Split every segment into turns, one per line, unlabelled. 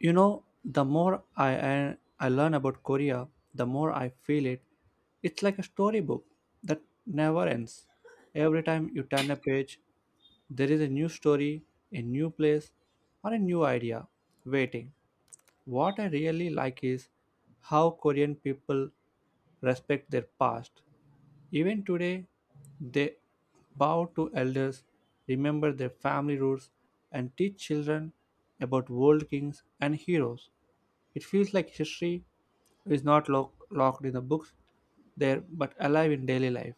You know, the more I learn about Korea, the more I feel it. It's like a storybook that never ends. Every time you turn a page, there is a new story, a new place, or a new idea waiting. What I really like is how Korean people respect their past. Even today, they bow to elders, remember their family roots, and teach children about world kings and heroes. It feels like history is not locked in the books there but alive in daily life.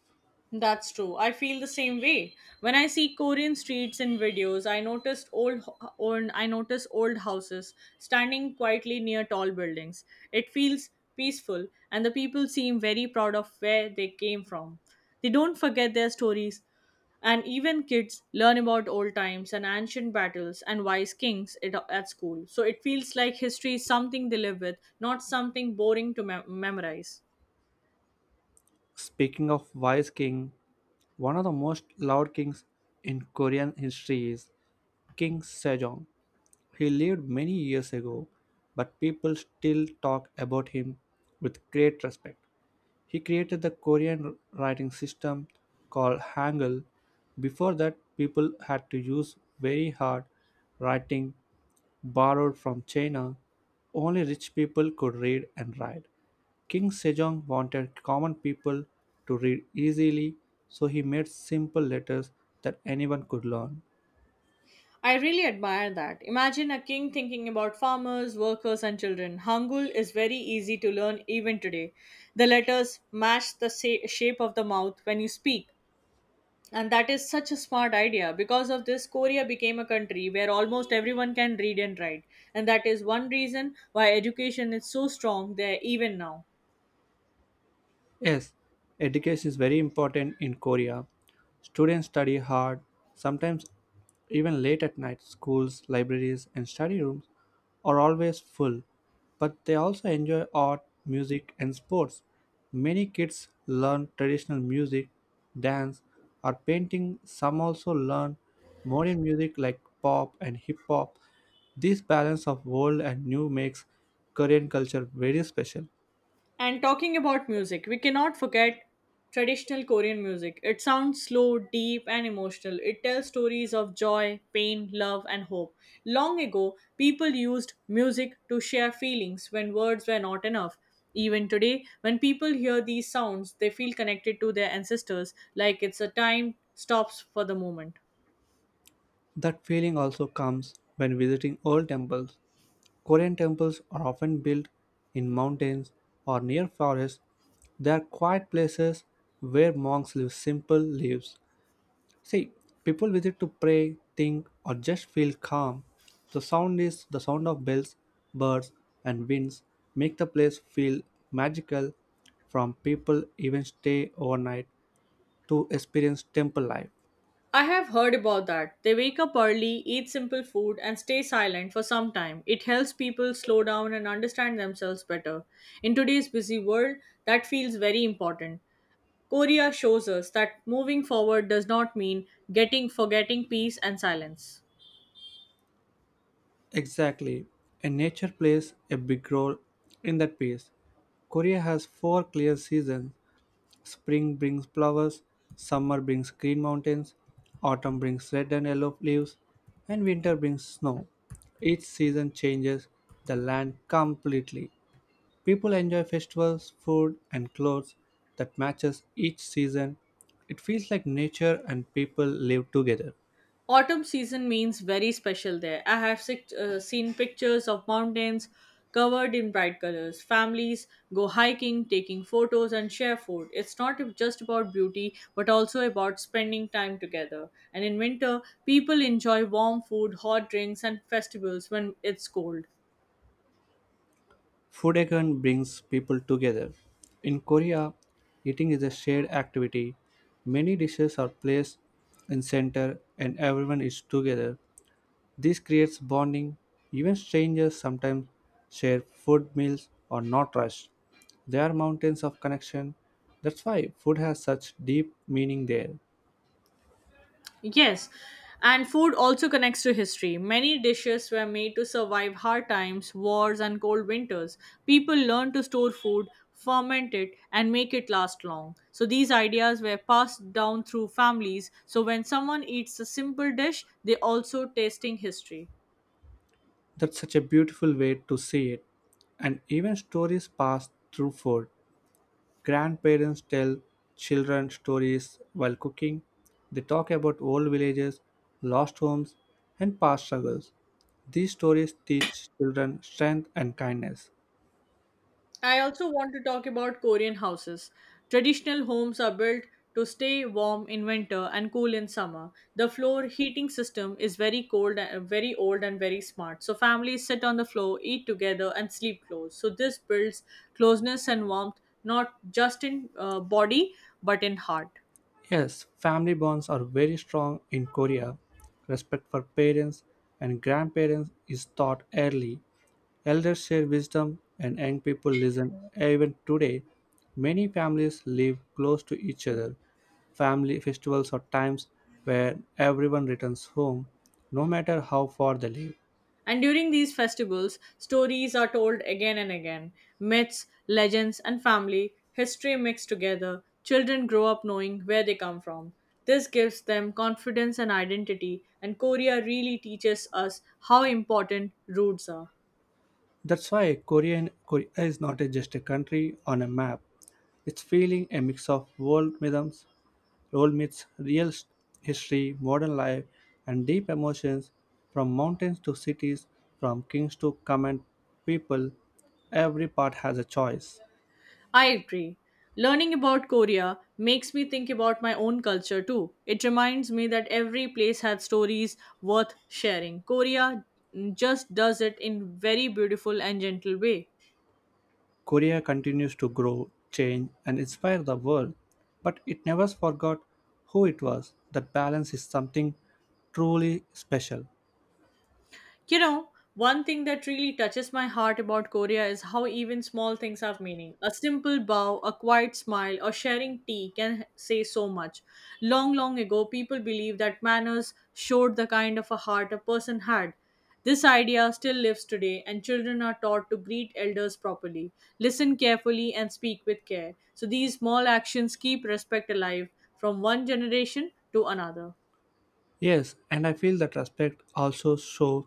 That's true. I feel the same way. When I see Korean streets in videos, I notice old houses standing quietly near tall buildings. It feels peaceful and the people seem very proud of where they came from. They don't forget their stories and even kids learn about old times and ancient battles and wise kings at school. So it feels like history is something they live with, not something boring to memorize.
Speaking of wise king, one of the most loved kings in Korean history is King Sejong. He lived many years ago, but people still talk about him with great respect. He created the Korean writing system called Hangul; before that people had to use very hard writing borrowed from China. Only rich people could read and write. King Sejong wanted common people to read easily, so he made simple letters that anyone could learn.
I really admire that. Imagine a king thinking about farmers, workers, and children. Hangul is very easy to learn even today. The letters match the shape of the mouth when you speak. And that is such a smart idea. Because of this, Korea became a country where almost everyone can read and write. And that is one reason why education is so strong there even now.
Yes, education is very important in Korea. Students study hard, sometimes even late at night. Schools, libraries, and study rooms are always full, but they also enjoy art, music, and sports. Many kids learn traditional music, dance, or painting. Some also learn modern music like pop and hip hop. This balance of old and new makes Korean culture very special.
And talking about music, we cannot forget traditional Korean music. It sounds slow, deep, and emotional. It tells stories of joy, pain, love, and hope. Long ago, people used music to share feelings when words were not enough. Even today, when people hear these sounds, they feel connected to their ancestors like it's a time stops for the moment.
That feeling also comes when visiting old temples. Korean temples are often built in mountains or near forests. They are quiet places where monks live simple lives. See, people visit to pray, think, or just feel calm. The sound is the sound of bells, birds, and winds make the place feel magical from people even stay overnight to experience temple life.
I have heard about that. They wake up early, eat simple food, and stay silent for some time. It helps people slow down and understand themselves better. In today's busy world, that feels very important. Korea shows us that moving forward does not mean getting forgetting peace and silence.
Exactly. And nature plays a big role in that piece. Korea has four clear seasons. Spring brings flowers, summer brings green mountains, autumn brings red and yellow leaves, and winter brings snow. Each season changes the land completely. People enjoy festivals, food, and clothes that matches each season. It feels like nature and people live together.
Autumn season means very special there. I have seen pictures of mountains covered in bright colors. Families go hiking, taking photos, and share food. It's not just about beauty, but also about spending time together. And in winter, people enjoy warm food, hot drinks, and festivals when it's cold.
Food again brings people together. In Korea, eating is a shared activity. Many dishes are placed in center and everyone is together. This creates bonding. Even strangers sometimes share food meals or not rushed. There are mountains of connection. That's why food has such deep meaning there.
Yes, and food also connects to history. Many dishes were made to survive hard times, wars, and cold winters. People learned to store food, ferment it, and make it last long. So these ideas were passed down through families. So when someone eats a simple dish, they also tasting history.
That's such a beautiful way to see it. And even stories pass through food. Grandparents tell children stories while cooking. They talk about old villages, lost homes, and past struggles. These stories teach children strength and kindness.
I also want to talk about Korean houses. Traditional homes are built to stay warm in winter and cool in summer. The floor heating system is very old, and very smart. So families sit on the floor, eat together, and sleep close. So this builds closeness and warmth, not just in body but in heart.
Yes, family bonds are very strong in Korea. Respect for parents and grandparents is taught early. Elders share wisdom and young people listen. Even today, many families live close to each other. Family festivals are times where everyone returns home, no matter how far they live.
And during these festivals, stories are told again and again myths, legends, and family history mixed together. Children grow up knowing where they come from. This gives them confidence and identity, and Korea really teaches us how important roots are.
That's why Korea is not just a country on a map. It's feeling a mix of world rhythms Role meets history, modern life, and deep emotions from mountains to cities, from kings to common people. Every part has a choice.
I agree. Learning about Korea makes me think about my own culture too. It reminds me that every place has stories worth sharing. Korea just does it in very beautiful and gentle way.
Korea continues to grow, change, and inspire the world, but it never forgot who it was. That balance is something truly special.
You know, one thing that really touches my heart about Korea is how even small things have meaning. A simple bow, a quiet smile, or sharing tea can say so much. Long, long ago, people believed that manners showed the kind of a heart a person had. This idea still lives today, and children are taught to greet elders properly, listen carefully, and speak with care. So, these small actions keep respect alive from one generation to another.
Yes, and I feel that respect also shows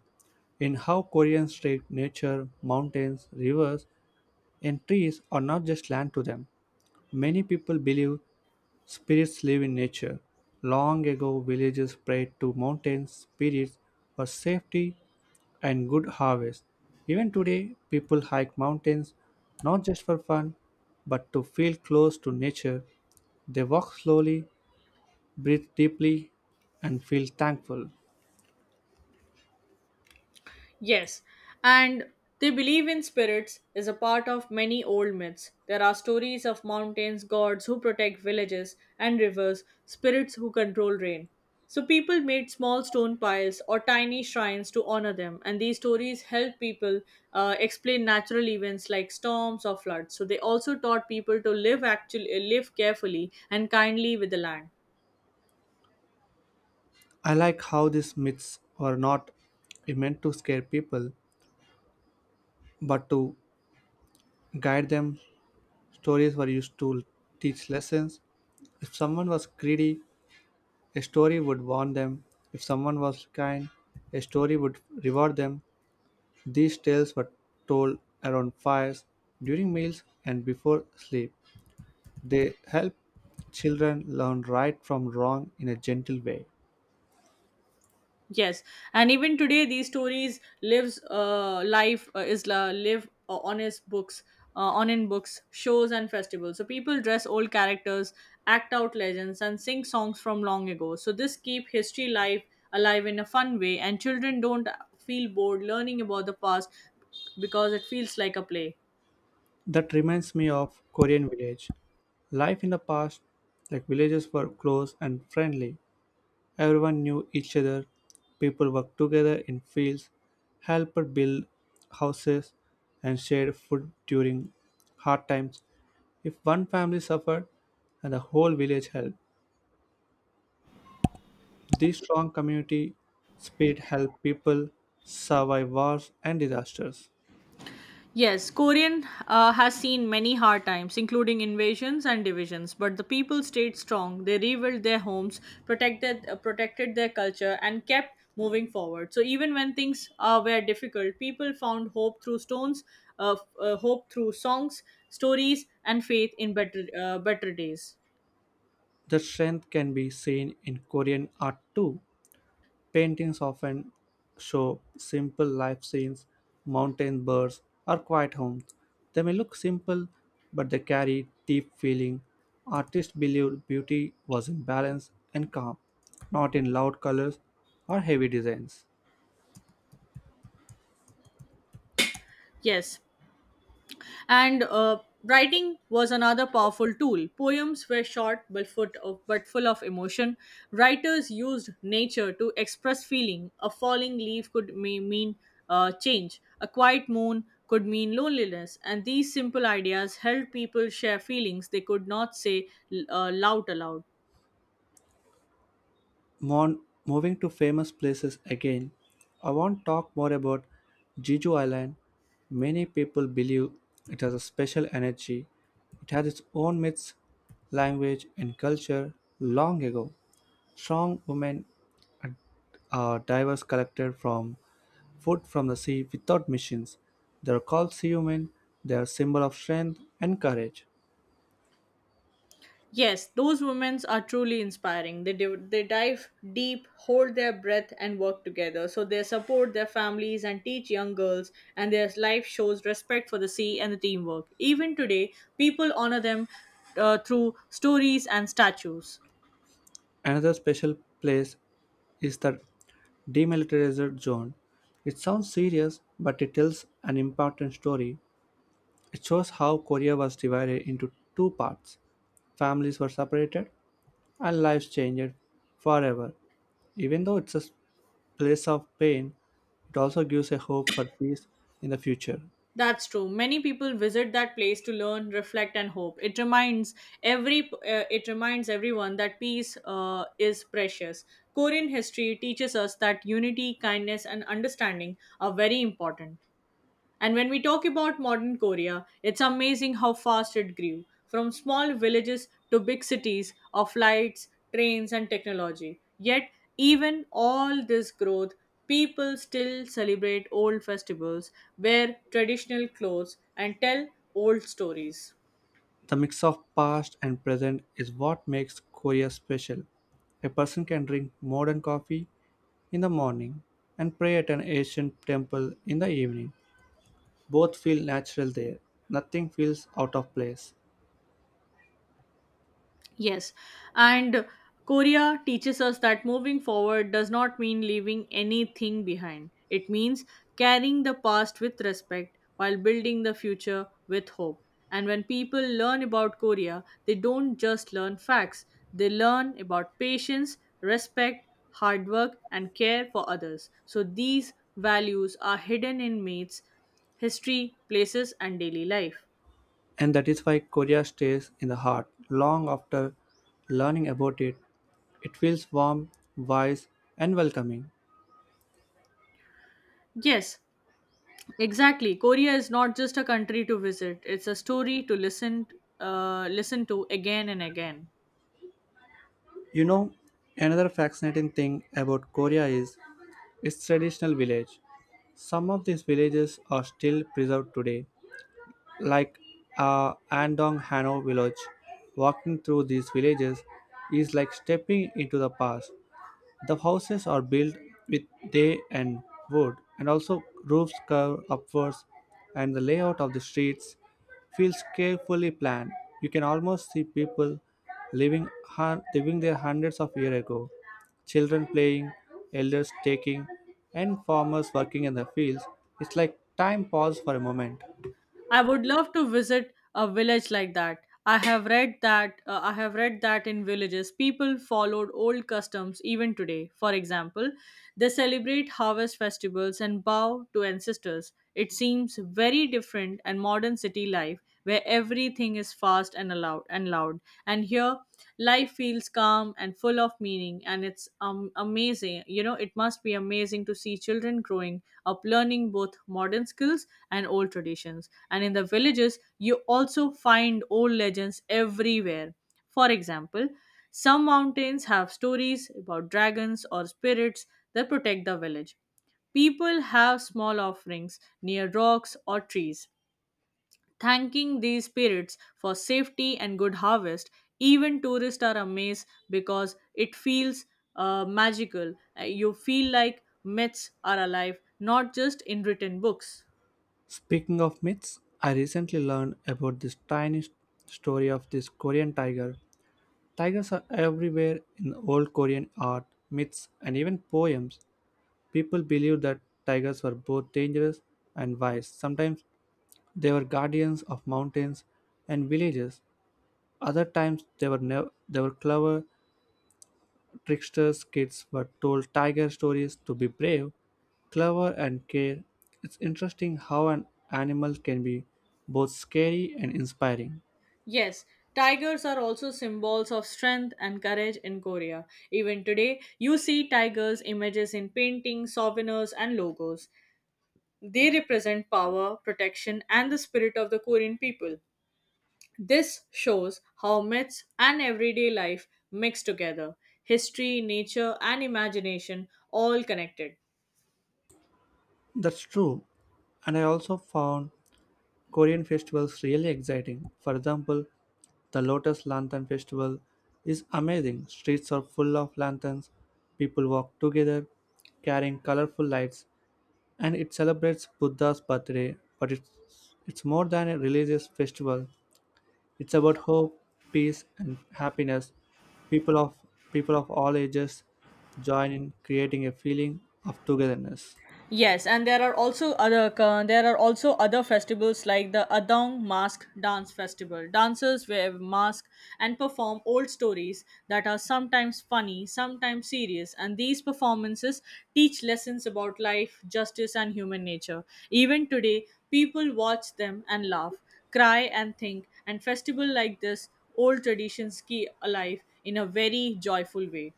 in how Koreans treat nature, mountains, rivers, and trees are not just land to them. Many people believe spirits live in nature. Long ago, villagers prayed to mountain spirits for safety and good harvest. Even today, people hike mountains not just for fun, but to feel close to nature. They walk slowly, breathe deeply, and feel thankful.
Yes, and they believe in spirits is a part of many old myths. There are stories of mountains, gods who protect villages and rivers, spirits who control rain. So people made small stone piles or tiny shrines to honor them, and these stories help people explain natural events like storms or floods. So they also taught people to live actually live carefully and kindly with the land.
I like how these myths were not meant to scare people, but to guide them. Stories were used to teach lessons. If someone was greedy, a story would warn them. If someone was kind, a story would reward them. These tales were told around fires, during meals, and before sleep. They help children learn right from wrong in a gentle way.
Yes, and even today, these stories lives life is la- live on his books, on in books, shows, and festivals. So people dress old characters, act out legends, and sing songs from long ago. So this keep history life alive in a fun way, and children don't feel bored learning about the past because it feels like a play.
That reminds me of Korean village. Life in the past, like villages were close and friendly. Everyone knew each other. People worked together in fields, helped build houses, and shared food during hard times. If one family suffered, and the whole village helped. This strong community spirit helped people survive wars and disasters.
Yes, Korean has seen many hard times, including invasions and divisions, but the people stayed strong. They rebuilt their homes, protected their culture, and kept moving forward. So even when things were difficult, people found hope through hope through songs, stories, and faith in better days.
The strength can be seen in Korean art too. Paintings often show simple life scenes, mountain birds, or quiet homes. They may look simple, but they carry deep feeling. Artists believed beauty was in balance and calm, not in loud colors or heavy designs.
Yes, and writing was another powerful tool. Poems were short but full of emotion. Writers used nature to express feeling. A falling leaf could may mean change, a quiet moon could mean loneliness. And these simple ideas helped people share feelings they could not say l- loud aloud.
Mon Moving to famous places again, I want to talk more about Jeju Island. Many people believe it has a special energy. It has its own myths, language, and culture long ago. Strong women and divers collected from food from the sea without machines. They are called sea women. They are symbol of strength and courage.
Yes, those women are truly inspiring. They dive deep, hold their breath, and work together. So they support their families and teach young girls, and their life shows respect for the sea and the teamwork. Even today, people honor them through stories and statues.
Another special place is the "Demilitarized zone," it sounds serious, but it tells an important story. It shows how Korea was divided into two parts, families were separated, and lives changed forever. Even though it's a place of pain, it also gives a hope for peace in the future.
That's true. Many people visit that place to learn, reflect, and hope. It reminds everyone that peace is precious. Korean history teaches us that unity, kindness, and understanding are very important. And when we talk about modern Korea, it's amazing how fast it grew from small villages to big cities of lights trains, and technology. Yet, even all this growth, people still celebrate old festivals, wear traditional clothes, and tell old stories.
The mix of past and present is what makes Korea special. A person can drink modern coffee in the morning and pray at an ancient temple in the evening. Both feel natural there. Nothing feels out of place.
Yes, and Korea teaches us that moving forward does not mean leaving anything behind. It means carrying the past with respect while building the future with hope. And when people learn about Korea, they don't just learn facts, they learn about patience, respect, hard work, and care for others. So these values are hidden in mates, history, places, and daily life.
And that is why Korea stays in the heart. Long after learning about it, it feels warm, wise, and welcoming.
Yes, exactly. Korea is not just a country to visit, it's a story to listen to again and again.
You know, another fascinating thing about Korea is its traditional village. Some of these villages are still preserved today, like Andong Hano village. Walking through these villages is like stepping into the past. The houses are built with day and wood, and also roofs curve upwards, and the layout of the streets feels carefully planned. You can almost see people living there hundreds of years ago, children playing, elders taking, and farmers working in the fields, it's like time paused for a moment.
I would love to visit a village like that. I have read that in villages people followed old customs even today. For example, they celebrate harvest festivals and bow to ancestors. It seems very different and modern city life where everything is fast and allowed and loud. And here life feels calm and full of meaning and it's amazing you know it must be amazing to see children growing up learning both modern skills and old traditions and in the villages you also find old legends everywhere for example some mountains have stories about dragons or spirits that protect the village people have small offerings near rocks or trees thanking these spirits for safety and good harvest. Even tourists are amazed because it feels magical. You feel like myths are alive, not just in written books.
Speaking of myths, I recently learned about this story of this Korean tiger. Tigers are everywhere in old Korean art, myths, and even poems. People believed that tigers were both dangerous and wise. Sometimes they were guardians of mountains and villages. Other times they were clever tricksters. Kids were told tiger stories to be brave, clever, and care. It's interesting how an animal can be both scary and inspiring.
Yes, tigers are also symbols of strength and courage in Korea. Even today, you see tigers' images in paintings, souvenirs, and logos. They represent power, protection, and the spirit of the Korean people. This shows how myths and everyday life mix together history, nature, and imagination all connected.
That's true. And I also found Korean festivals really exciting. For example, the Lotus Lantern Festival is amazing. Streets are full of lanterns, people walk together carrying colorful lights, and it celebrates Buddha's birthday. But it's more than a religious festival. It's about hope, peace, and happiness. People of People of all ages join in creating a feeling of togetherness.
Yes, and there are also other festivals like the Adong Mask Dance Festival. Dancers wear masks and perform old stories that are sometimes funny, sometimes serious, and these performances teach lessons about life, justice, and human nature. Even today, people watch them and laugh, cry and think, and festival like this old traditions keep alive in a very joyful way.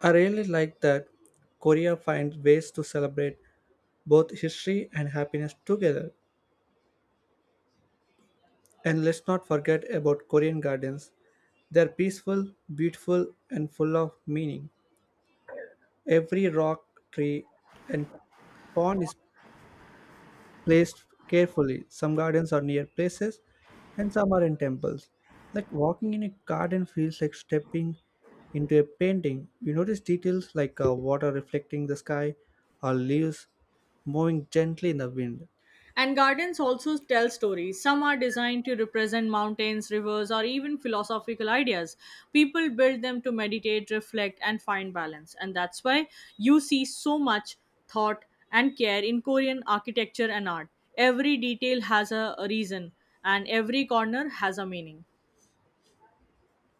I really like that Korea finds ways to celebrate both history and happiness together. And let's not forget about Korean gardens. They're peaceful, beautiful, and full of meaning. Every rock, tree, and pond is placed carefully. Some gardens are near places and some are in temples. Like walking in a garden feels like stepping into a painting. You notice details like water reflecting the sky or leaves moving gently in the wind.
And gardens also tell stories. Some are designed to represent mountains, rivers, or even philosophical ideas. People build them to meditate, reflect, and find balance. And that's why you see so much thought and care in Korean architecture and art. Every detail has a reason, and every corner has a meaning.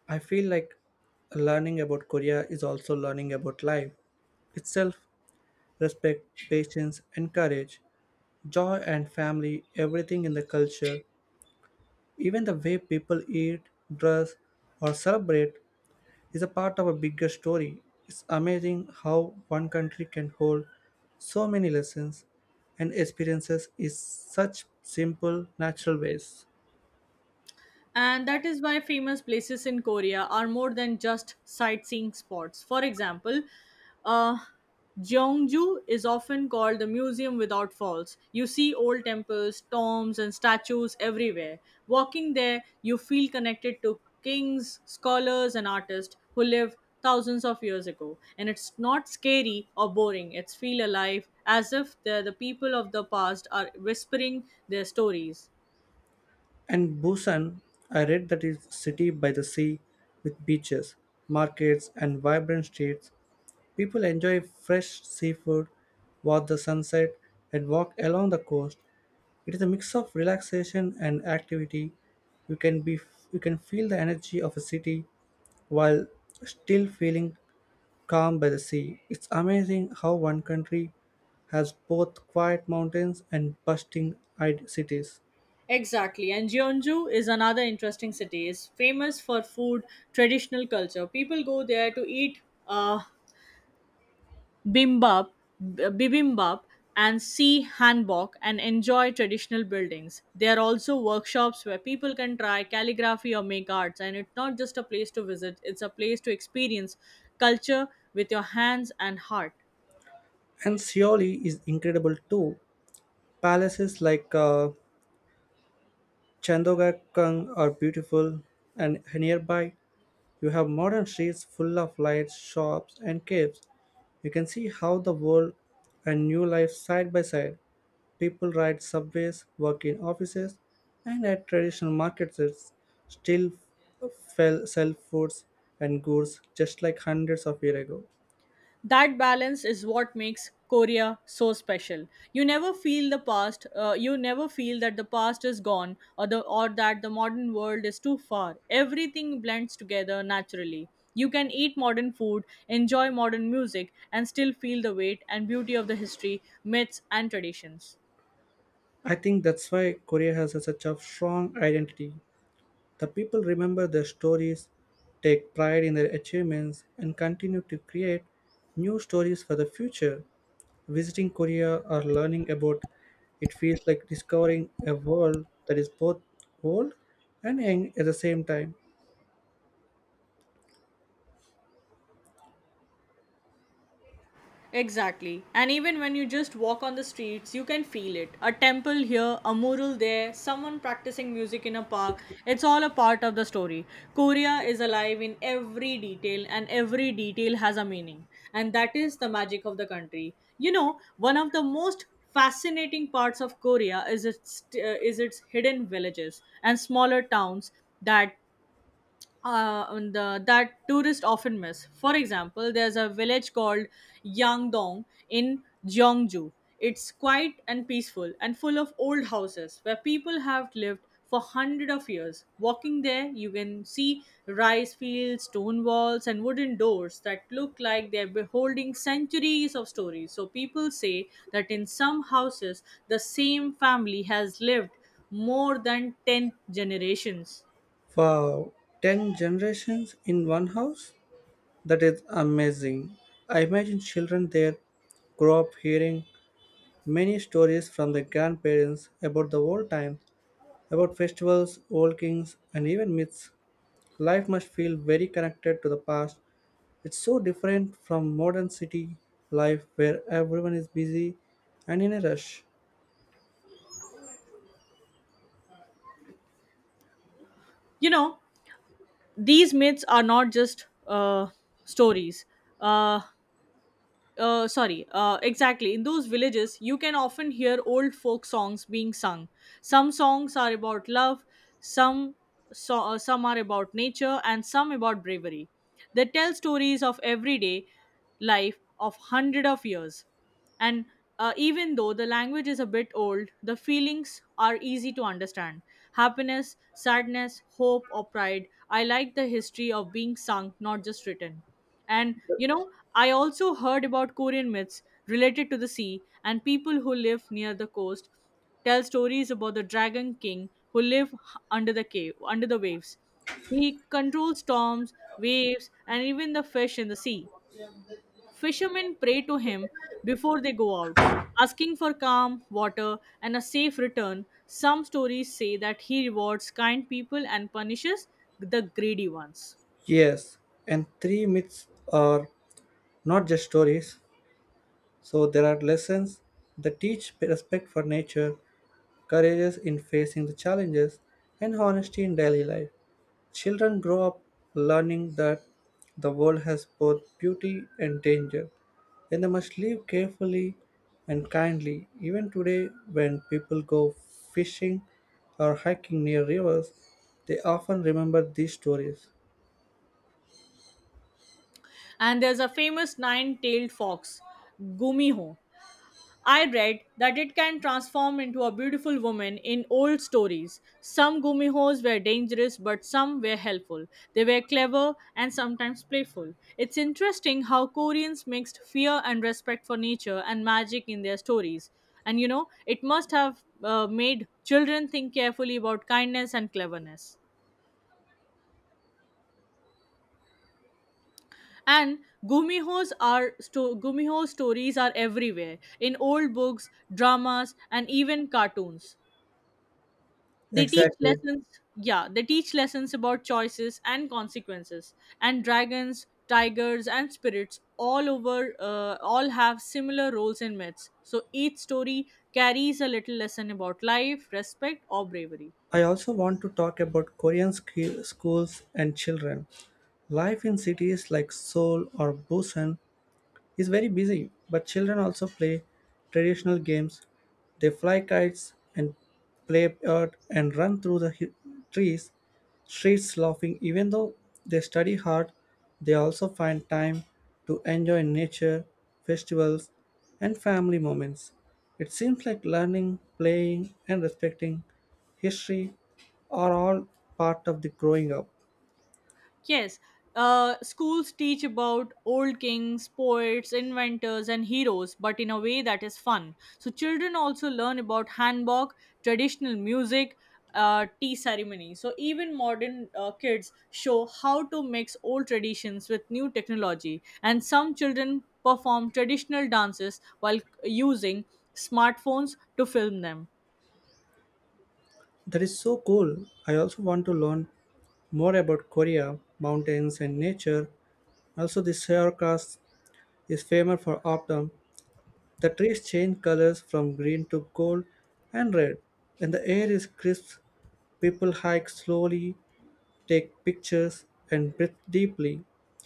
I feel like learning about Korea is also learning about life itself, respect, patience, and courage, joy and family, everything in the culture, even the way people eat, dress, or celebrate is a part of a bigger story. It's amazing how one country can hold so many lessons and experiences in such simple, natural ways.
And that is why famous places in Korea are more than just sightseeing spots. For example, uh, Jeongju is often called the museum without falls. You see old temples, tombs, and statues everywhere. Walking there, you feel connected to kings, scholars, and artists who lived thousands of years ago. And it's not scary or boring, it's feel alive, as if the people of the past are whispering their stories.
And Busan, I read that is city by the sea with beaches, markets, and vibrant streets. People enjoy fresh seafood, watch the sunset, and walk along the coast. It is a mix of relaxation and activity. You can be you can feel the energy of a city while still feeling calm by the sea. It's amazing how one country has both quiet mountains and bustling eyed cities.
Exactly. And Jeonju is another interesting city. It's famous for food, traditional culture. People go there to eat uh, bimbap, bibimbap, and see hanbok and enjoy traditional buildings. There are also workshops where people can try calligraphy or make arts. And it's not just a place to visit, it's a place to experience culture with your hands and heart.
And Seoul is incredible too. Palaces like Chandogakang are beautiful, and nearby you have modern streets full of lights, shops, and caves. You can see how the world and new life side by side. People ride subways, work in offices, and at traditional markets it's still fell, sell foods and goods just like hundreds of years ago.
That balance is what makes Korea so special. You never feel that the past is gone or the or that the modern world is too far. Everything blends together naturally. You can eat modern food, enjoy modern music and still feel the weight and beauty of the history, myths and traditions.
I think that's why Korea has such a strong identity. The people remember their stories, take pride in their achievements, and continue to create new stories for the future. Visiting Korea or learning about it feels like discovering a world that is both old and young at the same time.
Exactly. And even when you just walk on the streets, you can feel it. A temple here, a mural there, someone practicing music in a park. It's all a part of the story. Korea is alive in every detail, and every detail has a meaning. And that is the magic of the country. You know, one of the most fascinating parts of Korea is its hidden villages and smaller towns that that tourists often miss. For example, there's a village called Yangdong in Jeongju. It's quiet and peaceful and full of old houses where people have lived for hundreds of years. Walking there, you can see rice fields, stone walls, and wooden doors that look like they're beholding centuries of stories. So people say that in some houses, the same family has lived more than 10 generations.
For 10 generations in one house, that is amazing. I imagine children there grow up hearing many stories from their grandparents about the old times about festivals, old kings, and even myths. Life must feel very connected to the past. It's so different from modern city life where everyone is busy and in a rush.
You know, these myths are not just stories. Uh, exactly. In those villages, you can often hear old folk songs being sung. Some songs are about love, some some are about nature, and some about bravery. They tell stories of everyday life of hundred of years, and even though the language is a bit old, the feelings are easy to understand. Happiness, sadness, hope, or pride. I like the history of being sung, not just written. And you know, I also heard about Korean myths related to the sea, and people who live near the coast tell stories about the dragon king who under the cave, under the waves. He controls storms, waves, and even the fish in the sea. Fishermen pray to him before they go out, asking for calm, water, and a safe return. Some stories say that he rewards kind people and punishes the greedy ones.
Yes, and three myths are not just stories, so there are lessons that teach respect for nature, courage in facing the challenges, and honesty in daily life. Children grow up learning that the world has both beauty and danger, and they must live carefully and kindly. Even today, when people go fishing or hiking near rivers, they often remember these stories.
And there's a famous nine-tailed fox, Gumiho. I read that it can transform into a beautiful woman in old stories. Some Gumihos were dangerous, but some were helpful. They were clever and sometimes playful. It's interesting how Koreans mixed fear and respect for nature and magic in their stories. And you know, it must have made children think carefully about kindness and cleverness. And gumiho stories are everywhere in old books, dramas, and even cartoons. They teach
Exactly.
lessons. Yeah, they teach lessons about choices and consequences, and dragons, tigers, and spirits all over all have similar roles in myths. So each story carries a little lesson about life, respect, or bravery.
I also want to talk about Korean schools and children. Life in cities like Seoul or Busan is very busy, but children also play traditional games. They fly kites and play earth and run through the trees, streets laughing. Even though they study hard, they also find time to enjoy nature, festivals, and family moments. It seems like learning, playing, and respecting history are all part of the growing up.
Yes, schools teach about old kings, poets, inventors, and heroes, but in a way that is fun. So children also learn about hanbok, traditional music, tea ceremony. So even modern kids show how to mix old traditions with new technology, and some children perform traditional dances while using smartphones to film them.
That is so cool. I also want to learn more about Korea, mountains, and nature. Also, the Seoul is famous for autumn. The trees change colors from green to gold and red, and the air is crisp. People hike slowly, take pictures, and breathe deeply.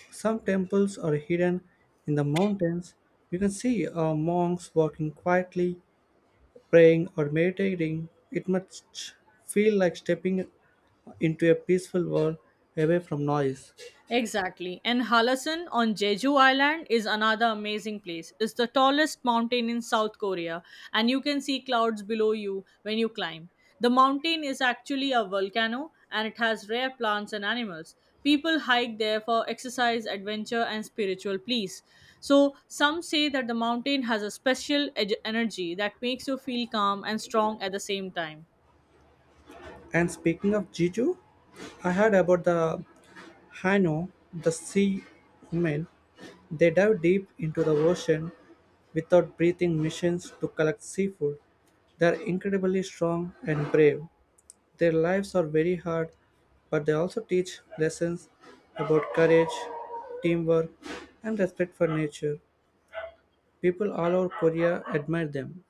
Some temples are hidden in the mountains. You can see monks walking quietly praying, or meditating, it must feel like stepping into a peaceful world away from noise.
Exactly. And Halasan on Jeju Island is another amazing place. It's the tallest mountain in South Korea, and you can see clouds below you when you climb. The mountain is actually a volcano and it has rare plants and animals. People hike there for exercise, adventure, and spiritual peace. So, some say that the mountain has a energy that makes you feel calm and strong at the same time.
And speaking of Jeju, I heard about the Hano, the sea women. They dive deep into the ocean without breathing missions to collect seafood. They are incredibly strong and brave. Their lives are very hard, but they also teach lessons about courage, teamwork, and respect for nature. People all over Korea admire them.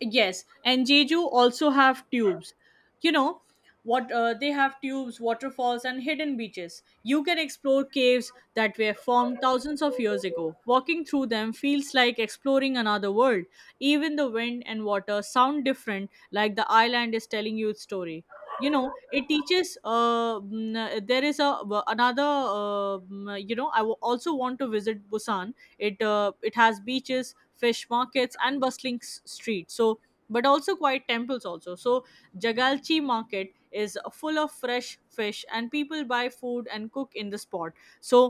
Yes, and Jeju also have tubes. You know what? They have tubes, waterfalls, and hidden beaches. You can explore caves that were formed thousands of years ago. Walking through them feels like exploring another world. Even the wind and water sound different, like the island is telling you its story. You know, it teaches mm, there is a w- another mm, you know, also want to visit Busan. It has beaches, fish markets, and bustling streets, so, but also quiet temples also. So Jagalchi market is full of fresh fish and people buy food and cook in the spot. So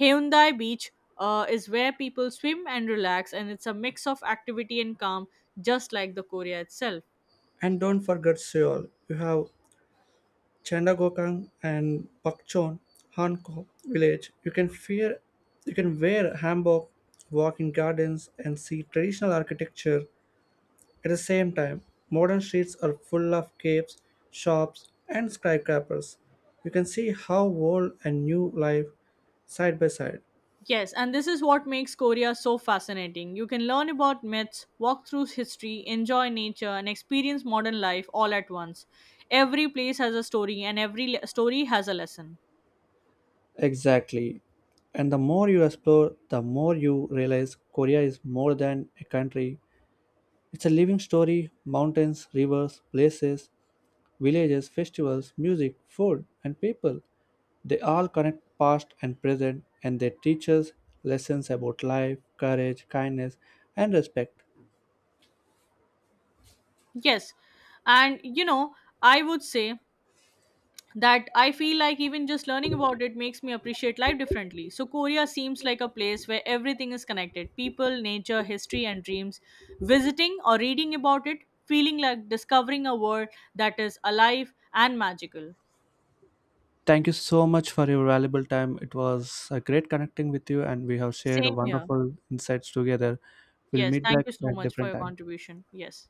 Hyundai beach is where people swim and relax, and it's a mix of activity and calm, just like the Korea itself.
And don't forget Seoul. You have Chandagokang and Bukchon, Hanko village. You can wear hanbok, walk in gardens, and see traditional architecture. At the same time, modern streets are full of caves, shops, and skyscrapers. You can see how old and new live side by side.
Yes, and this is what makes Korea so fascinating. You can learn about myths, walk through history, enjoy nature, and experience modern life all at once. Every place has a story, and story has a lesson.
Exactly. And the more you explore, the more you realize Korea is more than a country. It's a living story mountains, rivers, places, villages, festivals, music, food, and people. They all connect past and present, and they teach us lessons about life, courage, kindness, and respect.
Yes, and you know, I would say that I feel like even just learning about it makes me appreciate life differently. So, Korea seems like a place where everything is connected, people, nature, history, and dreams. Visiting or reading about it, feeling like discovering a world that is alive and magical.
Thank you so much for your valuable time. It was a great connecting with you, and we have shared
Same here.
wonderful insights together. We'll
Yes,
meet
thank
back
you so
at
much for
different
your
time.
contribution. Yes.